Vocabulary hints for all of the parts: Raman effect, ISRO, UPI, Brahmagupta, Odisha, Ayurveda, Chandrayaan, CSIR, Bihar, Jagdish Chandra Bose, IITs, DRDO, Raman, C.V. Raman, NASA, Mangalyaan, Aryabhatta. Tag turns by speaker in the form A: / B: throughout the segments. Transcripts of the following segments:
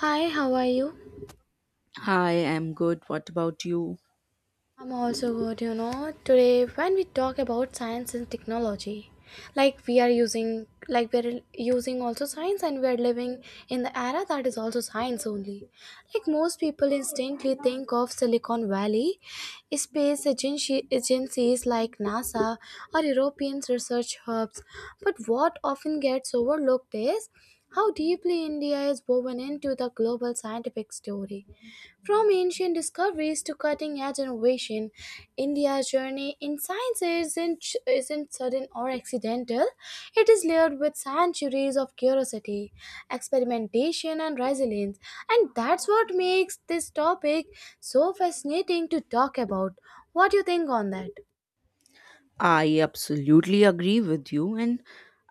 A: Hi, how are you?
B: I am good. What about you?
A: I'm also good, you know. Today, when we talk about science and technology, like we're using also science and we're living in the era that is also science only. Like most people instantly think of Silicon Valley, space agency, agencies like NASA or European research hubs. But what often gets overlooked is how deeply India is woven into the global scientific story. From ancient discoveries to cutting edge innovation, India's journey in science isn't sudden or accidental. It is layered with centuries of curiosity, experimentation, and resilience. And that's what makes this topic so fascinating to talk about. What do you think on that?
B: I absolutely agree with you. And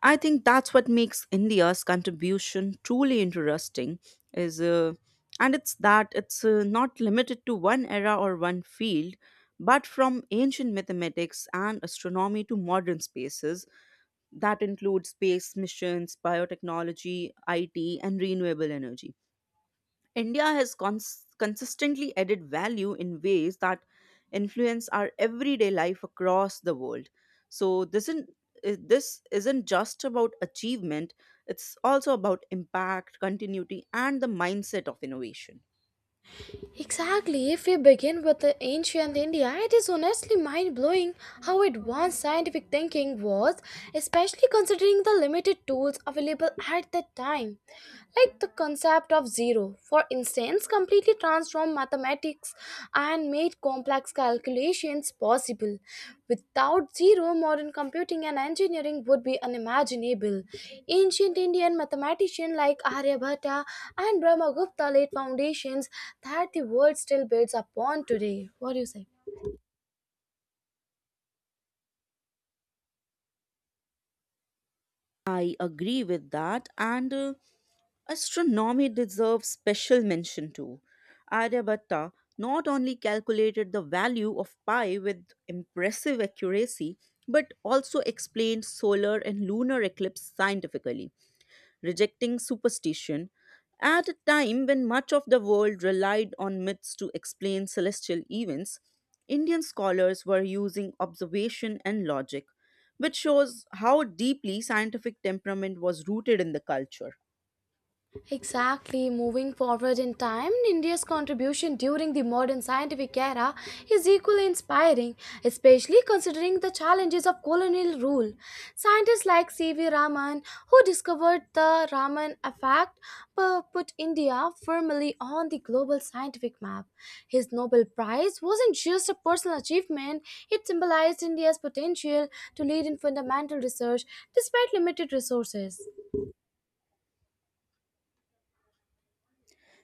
B: I think that's what makes India's contribution truly interesting is and it's that it's not limited to one era or one field, but from ancient mathematics and astronomy to modern spaces that include space missions, biotechnology, IT, and renewable energy. India has consistently added value in ways that influence our everyday life across the world. So this isn't just about achievement, it's also about impact, continuity, and the mindset of innovation.
A: Exactly. If we begin with the ancient India, it is honestly mind blowing how advanced scientific thinking was, especially considering the limited tools available at that time. Like the concept of zero, for instance, completely transformed mathematics and made complex calculations possible. Without zero, modern computing and engineering would be unimaginable. Ancient Indian mathematicians like Aryabhatta and Brahmagupta laid foundations that the world still builds upon today. What do you say?
B: I agree with that. And astronomy deserves special mention too. Aryabhatta not only calculated the value of pi with impressive accuracy, but also explained solar and lunar eclipse scientifically, rejecting superstition at a time when much of the world relied on myths to explain celestial events. Indian scholars were using observation and logic, which shows how deeply scientific temperament was rooted in the culture.
A: Exactly. Moving forward in time, India's contribution during the modern scientific era is equally inspiring, especially considering the challenges of colonial rule. Scientists like C.V. Raman, who discovered the Raman effect, put India firmly on the global scientific map. His Nobel Prize wasn't just a personal achievement, it symbolized India's potential to lead in fundamental research despite limited resources.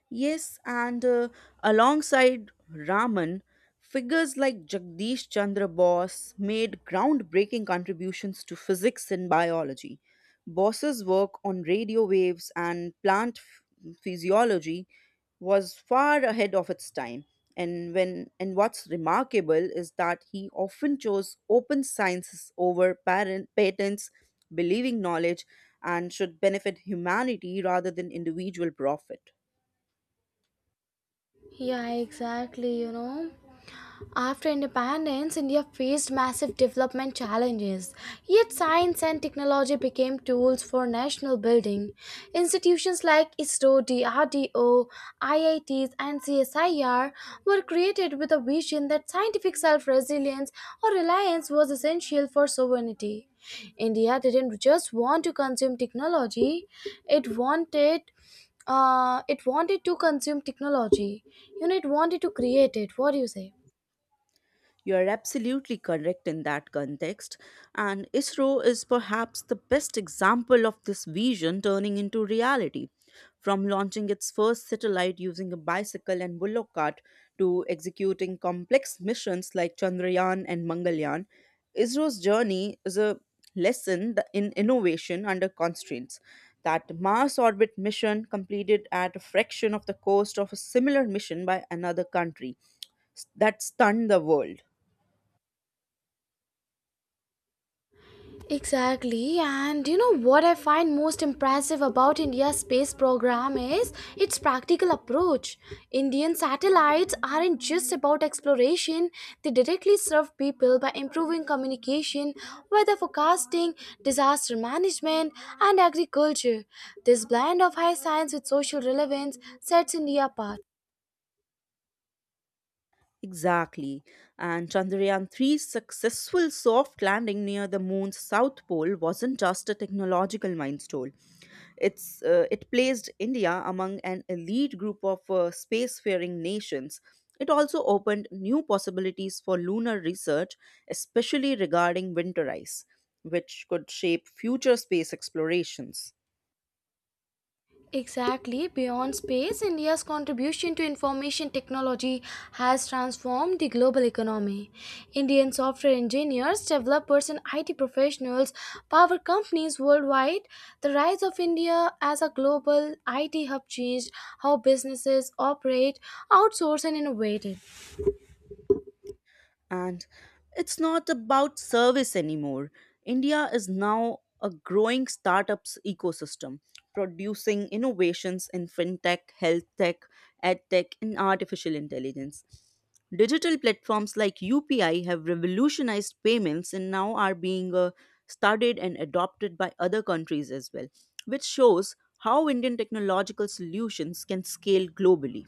B: Yes, and alongside Raman, figures like Jagdish Chandra Bose made groundbreaking contributions to physics and biology. Bose's work on radio waves and plant physiology was far ahead of its time. And what's remarkable is that he often chose open sciences over patents, believing knowledge and should benefit humanity rather than individual profit.
A: Yeah, exactly, you know. After independence, India faced massive development challenges, yet science and technology became tools for national building. Institutions like ISRO, DRDO, IITs, and CSIR were created with a vision that scientific self resilience or reliance was essential for sovereignty. India didn't just want to consume technology, it wanted it wanted to consume technology. You know, it wanted to create it. What do you say?
B: You are absolutely correct in that context, and ISRO is perhaps the best example of this vision turning into reality. From launching its first satellite using a bicycle and bullock cart to executing complex missions like Chandrayaan and Mangalyaan, ISRO's journey is a lesson in innovation under constraints. That Mars orbit mission completed at a fraction of the cost of a similar mission by another country that stunned the world.
A: Exactly, and you know what I find most impressive about India's space program is its practical approach. Indian satellites aren't just about exploration, they directly serve people by improving communication, weather forecasting, disaster management, and agriculture. This blend of high science with social relevance sets India apart.
B: Exactly. And Chandrayaan three's successful soft landing near the moon's south pole wasn't just a technological milestone. It placed India among an elite group of spacefaring nations. It also opened new possibilities for lunar research, especially regarding winter ice, which could shape future space explorations.
A: Exactly. Beyond space, India's contribution to information technology has transformed the global economy. Indian software engineers, developers, and IT professionals power companies worldwide. The rise of India as a global IT hub changed how businesses operate, outsource, and innovate.
B: And it's not about service anymore. India is now a growing startups ecosystem, producing innovations in fintech, health tech, ed tech, and artificial intelligence. Digital platforms like UPI have revolutionized payments and now are being studied and adopted by other countries as well, which shows how Indian technological solutions can scale globally.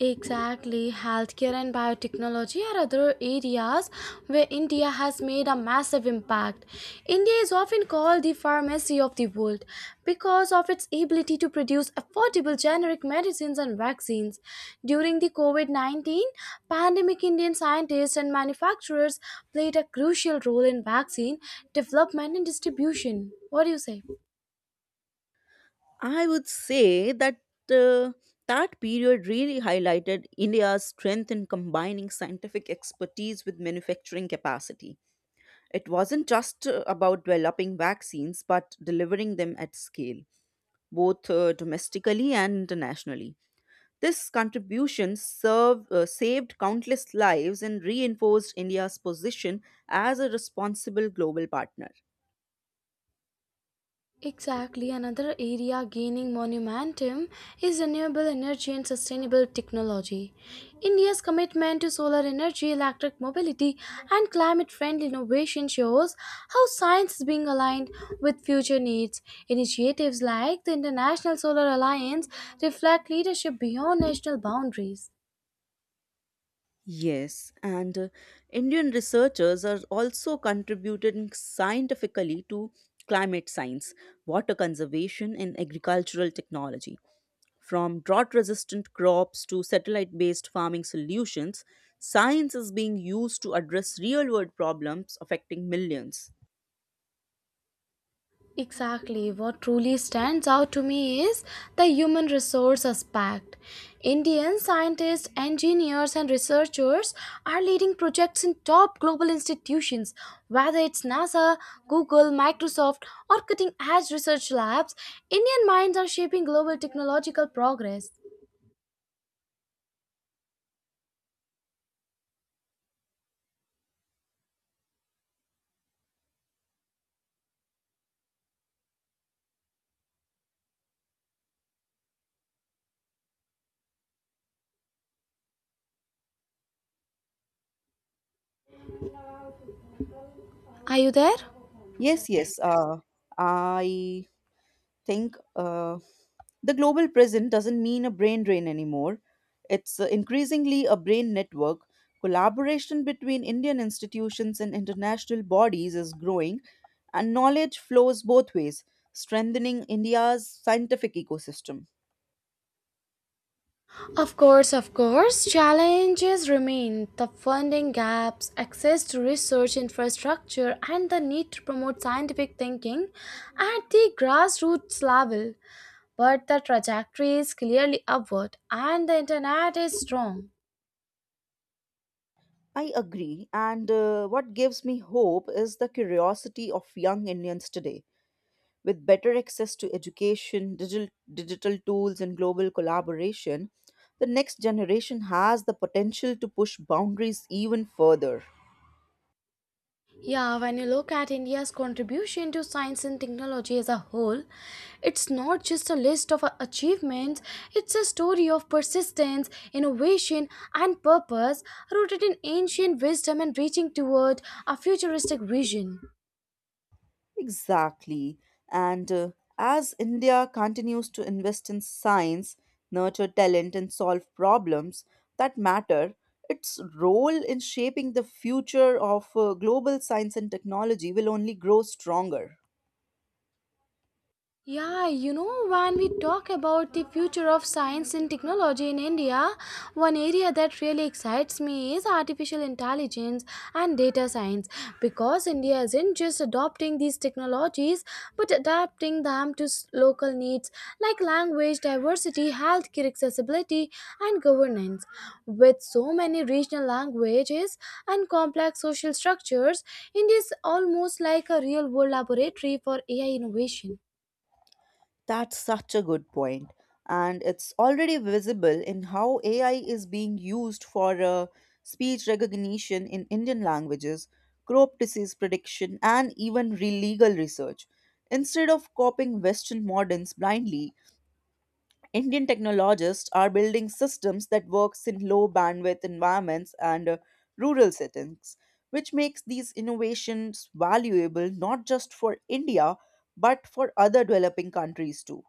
A: Exactly. Healthcare and biotechnology are other areas where India has made a massive impact. India is often called the pharmacy of the world because of its ability to produce affordable generic medicines and vaccines. During the COVID 19 pandemic, Indian scientists and manufacturers played a crucial role in vaccine development and distribution. What do you say?
B: I would say that uh, that period really highlighted India's strength in combining scientific expertise with manufacturing capacity. It wasn't just about developing vaccines, but delivering them at scale, both domestically and internationally. This contribution saved countless lives and reinforced India's position as a responsible global partner.
A: Exactly, another area gaining momentum is renewable energy and sustainable technology. India's commitment to solar energy, electric mobility, and climate friendly innovation shows how science is being aligned with future needs. Initiatives like the International Solar Alliance reflect leadership beyond national boundaries.
B: Yes, and Indian researchers are also contributing scientifically to climate science, water conservation, and agricultural technology. From drought resistant crops to satellite based farming solutions, science is being used to address real world problems affecting millions.
A: Exactly. What truly stands out to me is the human resource aspect. Indian scientists, engineers, and researchers are leading projects in top global institutions, whether it's NASA, Google, Microsoft, or cutting edge research labs. Indian minds are shaping global technological progress. Are you there?
B: Yes, yes. I think the global prison doesn't mean a brain drain anymore. It's increasingly a brain network. Collaboration between Indian institutions and international bodies is growing, and knowledge flows both ways, strengthening India's scientific ecosystem.
A: Of course, challenges remain the funding gaps, access to research infrastructure, and the need to promote scientific thinking at the grassroots level. But the trajectory is clearly upward, and the internet is strong.
B: I agree, and what gives me hope is the curiosity of young Indians today. With better access to education, digital tools, and global collaboration, the next generation has the potential to push boundaries even further.
A: Yeah, when you look at India's contribution to science and technology as a whole, it's not just a list of achievements, it's a story of persistence, innovation, and purpose rooted in ancient wisdom and reaching toward a futuristic vision.
B: Exactly. And As India continues to invest in science, nurture talent, and solve problems that matter, its role in shaping the future of global science and technology will only grow stronger.
A: Yeah, you know, when we talk about the future of science and technology in India, one area that really excites me is artificial intelligence and data science because India isn't just adopting these technologies but adapting them to local needs like language, diversity, healthcare accessibility, and governance. With so many regional languages and complex social structures, India is almost like a real world laboratory for AI innovation.
B: That's such a good point. And it's already visible in how AI is being used for speech recognition in Indian languages, crop disease prediction, and even legal research. Instead of copying Western models blindly, Indian technologists are building systems that works in low bandwidth environments and rural settings, which makes these innovations valuable not just for India but for other developing countries too.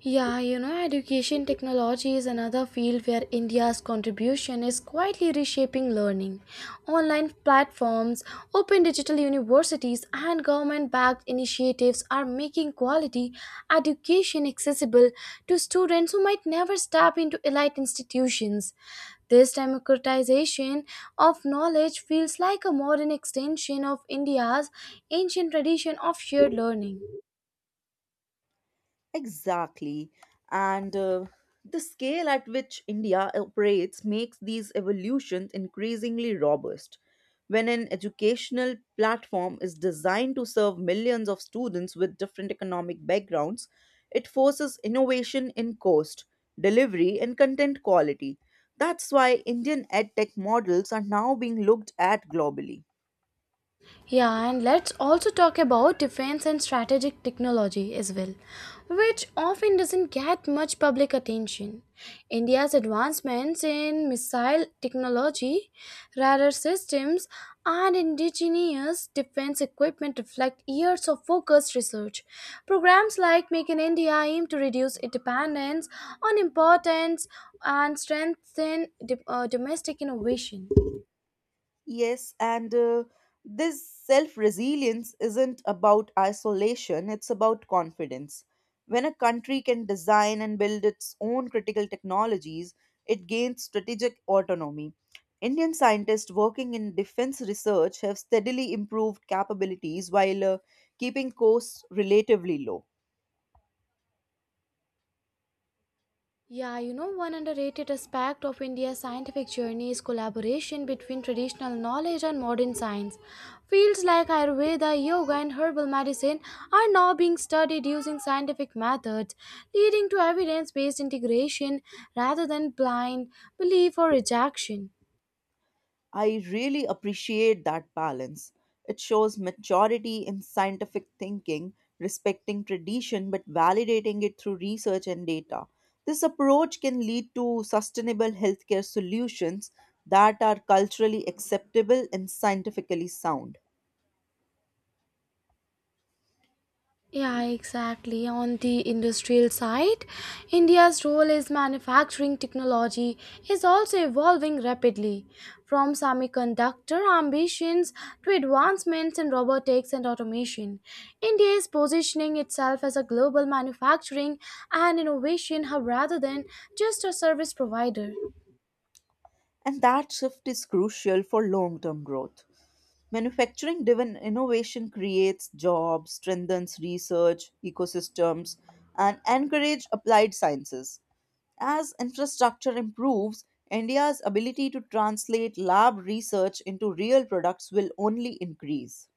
A: Yeah, you know, education technology is another field where India's contribution is quietly reshaping learning. Online platforms, open digital universities, and government backed initiatives are making quality education accessible to students who might never step into elite institutions. This democratization of knowledge feels like a modern extension of India's ancient tradition of shared learning.
B: Exactly. And The scale at which India operates makes these evolutions increasingly robust. When an educational platform is designed to serve millions of students with different economic backgrounds, it forces innovation in cost, delivery, and content quality. That's why Indian edtech models are now being looked at globally.
A: Yeah, and let's also talk about defense and strategic technology as well, which often doesn't get much public attention. India's advancements in missile technology, radar systems, and indigenous defense equipment reflect years of focused research. Programs like Make in India aim to reduce its dependence on importance and strengthen domestic innovation.
B: Yes, and this self resilience isn't about isolation, it's about confidence. When a country can design and build its own critical technologies, it gains strategic autonomy. Indian scientists working in defense research have steadily improved capabilities while keeping costs relatively low.
A: Yeah, you know, one underrated aspect of India's scientific journey is collaboration between traditional knowledge and modern science. Fields like Ayurveda, yoga, and herbal medicine are now being studied using scientific methods, leading to evidence based integration rather than blind belief or rejection.
B: I really appreciate that balance. It shows maturity in scientific thinking, respecting tradition but validating it through research and data. This approach can lead to sustainable healthcare solutions that are culturally acceptable and scientifically sound.
A: Yeah, exactly. On the industrial side, India's role as manufacturing technology is also evolving rapidly, from semiconductor ambitions to advancements in robotics and automation. India is positioning itself as a global manufacturing and innovation hub rather than just a service provider.
B: And that shift is crucial for long term growth. Manufacturing driven innovation creates jobs, strengthens research, ecosystems, and encourage applied sciences. As infrastructure improves, India's ability to translate lab research into real products will only increase.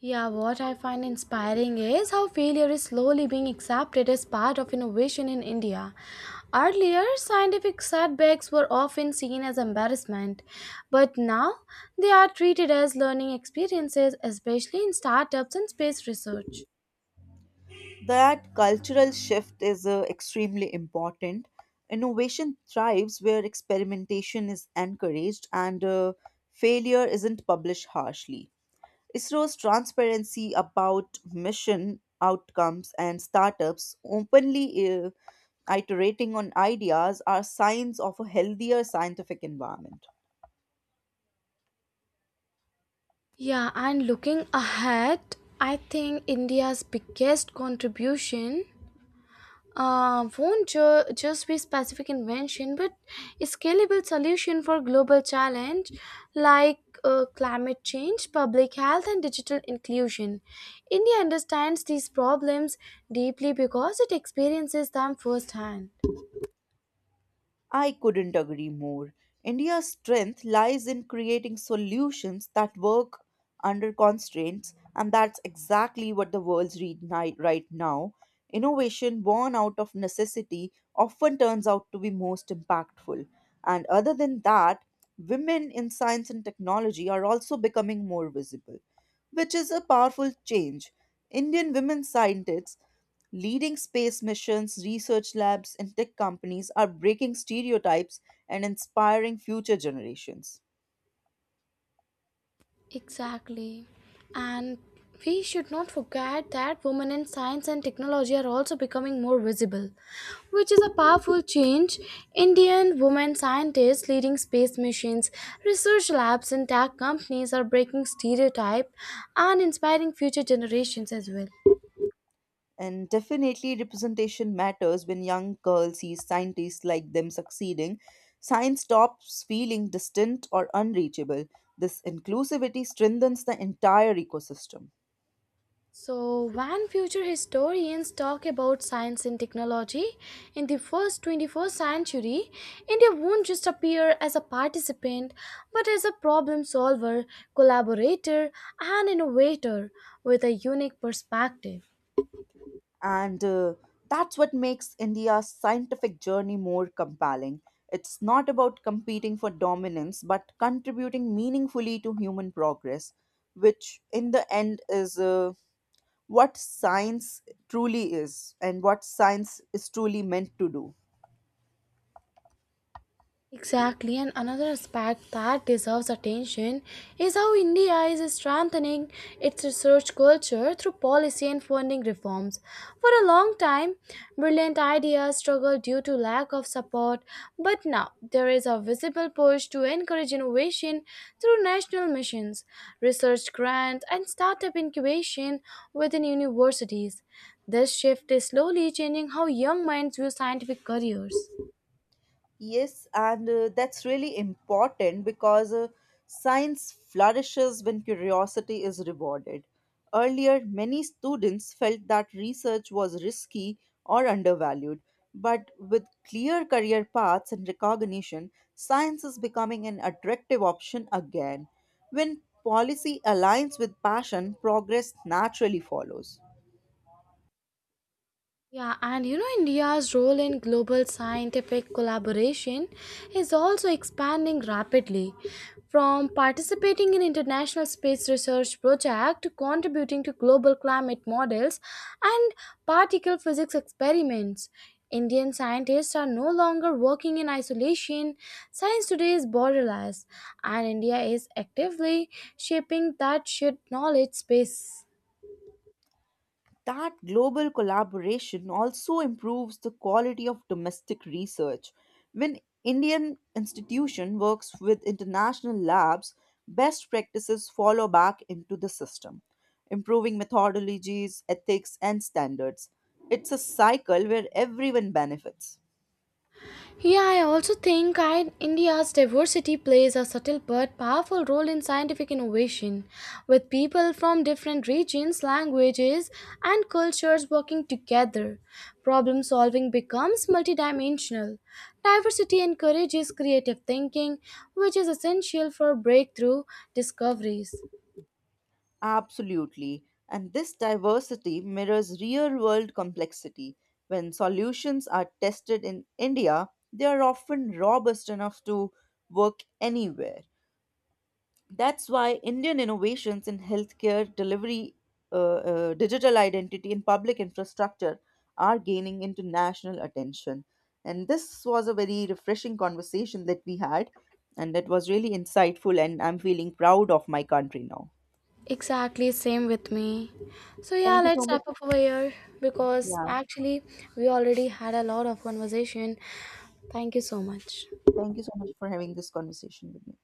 A: Yeah, what I find inspiring is how failure is slowly being accepted as part of innovation in India. Earlier, scientific setbacks were often seen as embarrassment, but now they are treated as learning experiences, especially in startups and space research.
B: That cultural shift is extremely important. Innovation thrives where experimentation is encouraged and failure isn't published harshly. ISRO's transparency about mission outcomes and startups openly uh, iterating on ideas are signs of a healthier scientific environment.
A: Yeah, and looking ahead, I think India's biggest contribution won't just be specific invention, but a scalable solution for global challenge like climate change, public health, and digital inclusion. India understands these problems deeply because it experiences them firsthand.
B: I couldn't agree more. India's strength lies in creating solutions that work under constraints, and that's exactly what the world's right now. Innovation born out of necessity often turns out to be most impactful. And other than that, women in science and technology are also becoming more visible, which is a powerful change. Indian women scientists leading space missions, research labs, and tech companies are breaking stereotypes and inspiring future generations.
A: Exactly. And we should not forget that women in science and technology are also becoming more visible, which is a powerful change. Indian women scientists leading space missions, research labs, and tech companies are breaking stereotype and inspiring future generations as well.
B: And definitely, representation matters when young girls see scientists like them succeeding. Science stops feeling distant or unreachable. This inclusivity strengthens the entire ecosystem.
A: So, when future historians talk about science and technology in the first 21st century, India won't just appear as a participant but as a problem solver, collaborator, and innovator with a unique perspective.
B: And That's what makes India's scientific journey more compelling. It's not about competing for dominance, but contributing meaningfully to human progress, which in the end is what science truly is and what science is truly meant to do.
A: Exactly, and another aspect that deserves attention is how India is strengthening its research culture through policy and funding reforms. For a long time, brilliant ideas struggled due to lack of support, but now there is a visible push to encourage innovation through national missions, research grants, and startup incubation within universities. This shift is slowly changing how young minds view scientific careers.
B: Yes, and that's really important because science flourishes when curiosity is rewarded. Earlier, many students felt that research was risky or undervalued, but with clear career paths and recognition, science is becoming an attractive option again. When policy aligns with passion, progress naturally follows.
A: Yeah, and you know, India's role in global scientific collaboration is also expanding rapidly. From participating in international space research projects to contributing to global climate models and particle physics experiments, Indian scientists are no longer working in isolation. Science today is borderless, and India is actively shaping that shared knowledge space.
B: That global collaboration also improves the quality of domestic research. When Indian institution works with international labs, best practices follow back into the system, improving methodologies, ethics and standards. It's a cycle where everyone benefits.
A: Yeah, I also think India's diversity plays a subtle but powerful role in scientific innovation, with people from different regions, languages, and cultures working together. Problem solving becomes multidimensional. Diversity encourages creative thinking, which is essential for breakthrough discoveries.
B: Absolutely. And this diversity mirrors real world complexity. When solutions are tested in India, they are often robust enough to work anywhere. That's why Indian innovations in healthcare, delivery, digital identity, and public infrastructure are gaining international attention. And this was a very refreshing conversation that we had, and that was really insightful. And I'm feeling proud of my country now.
A: Exactly, same with me. So, yeah,
B: Thank you so
A: let's
B: much.
A: wrap up over here because
B: Yeah.
A: actually, we already had a lot of conversation. Thank you so much.
B: Thank you so much for having this conversation with me.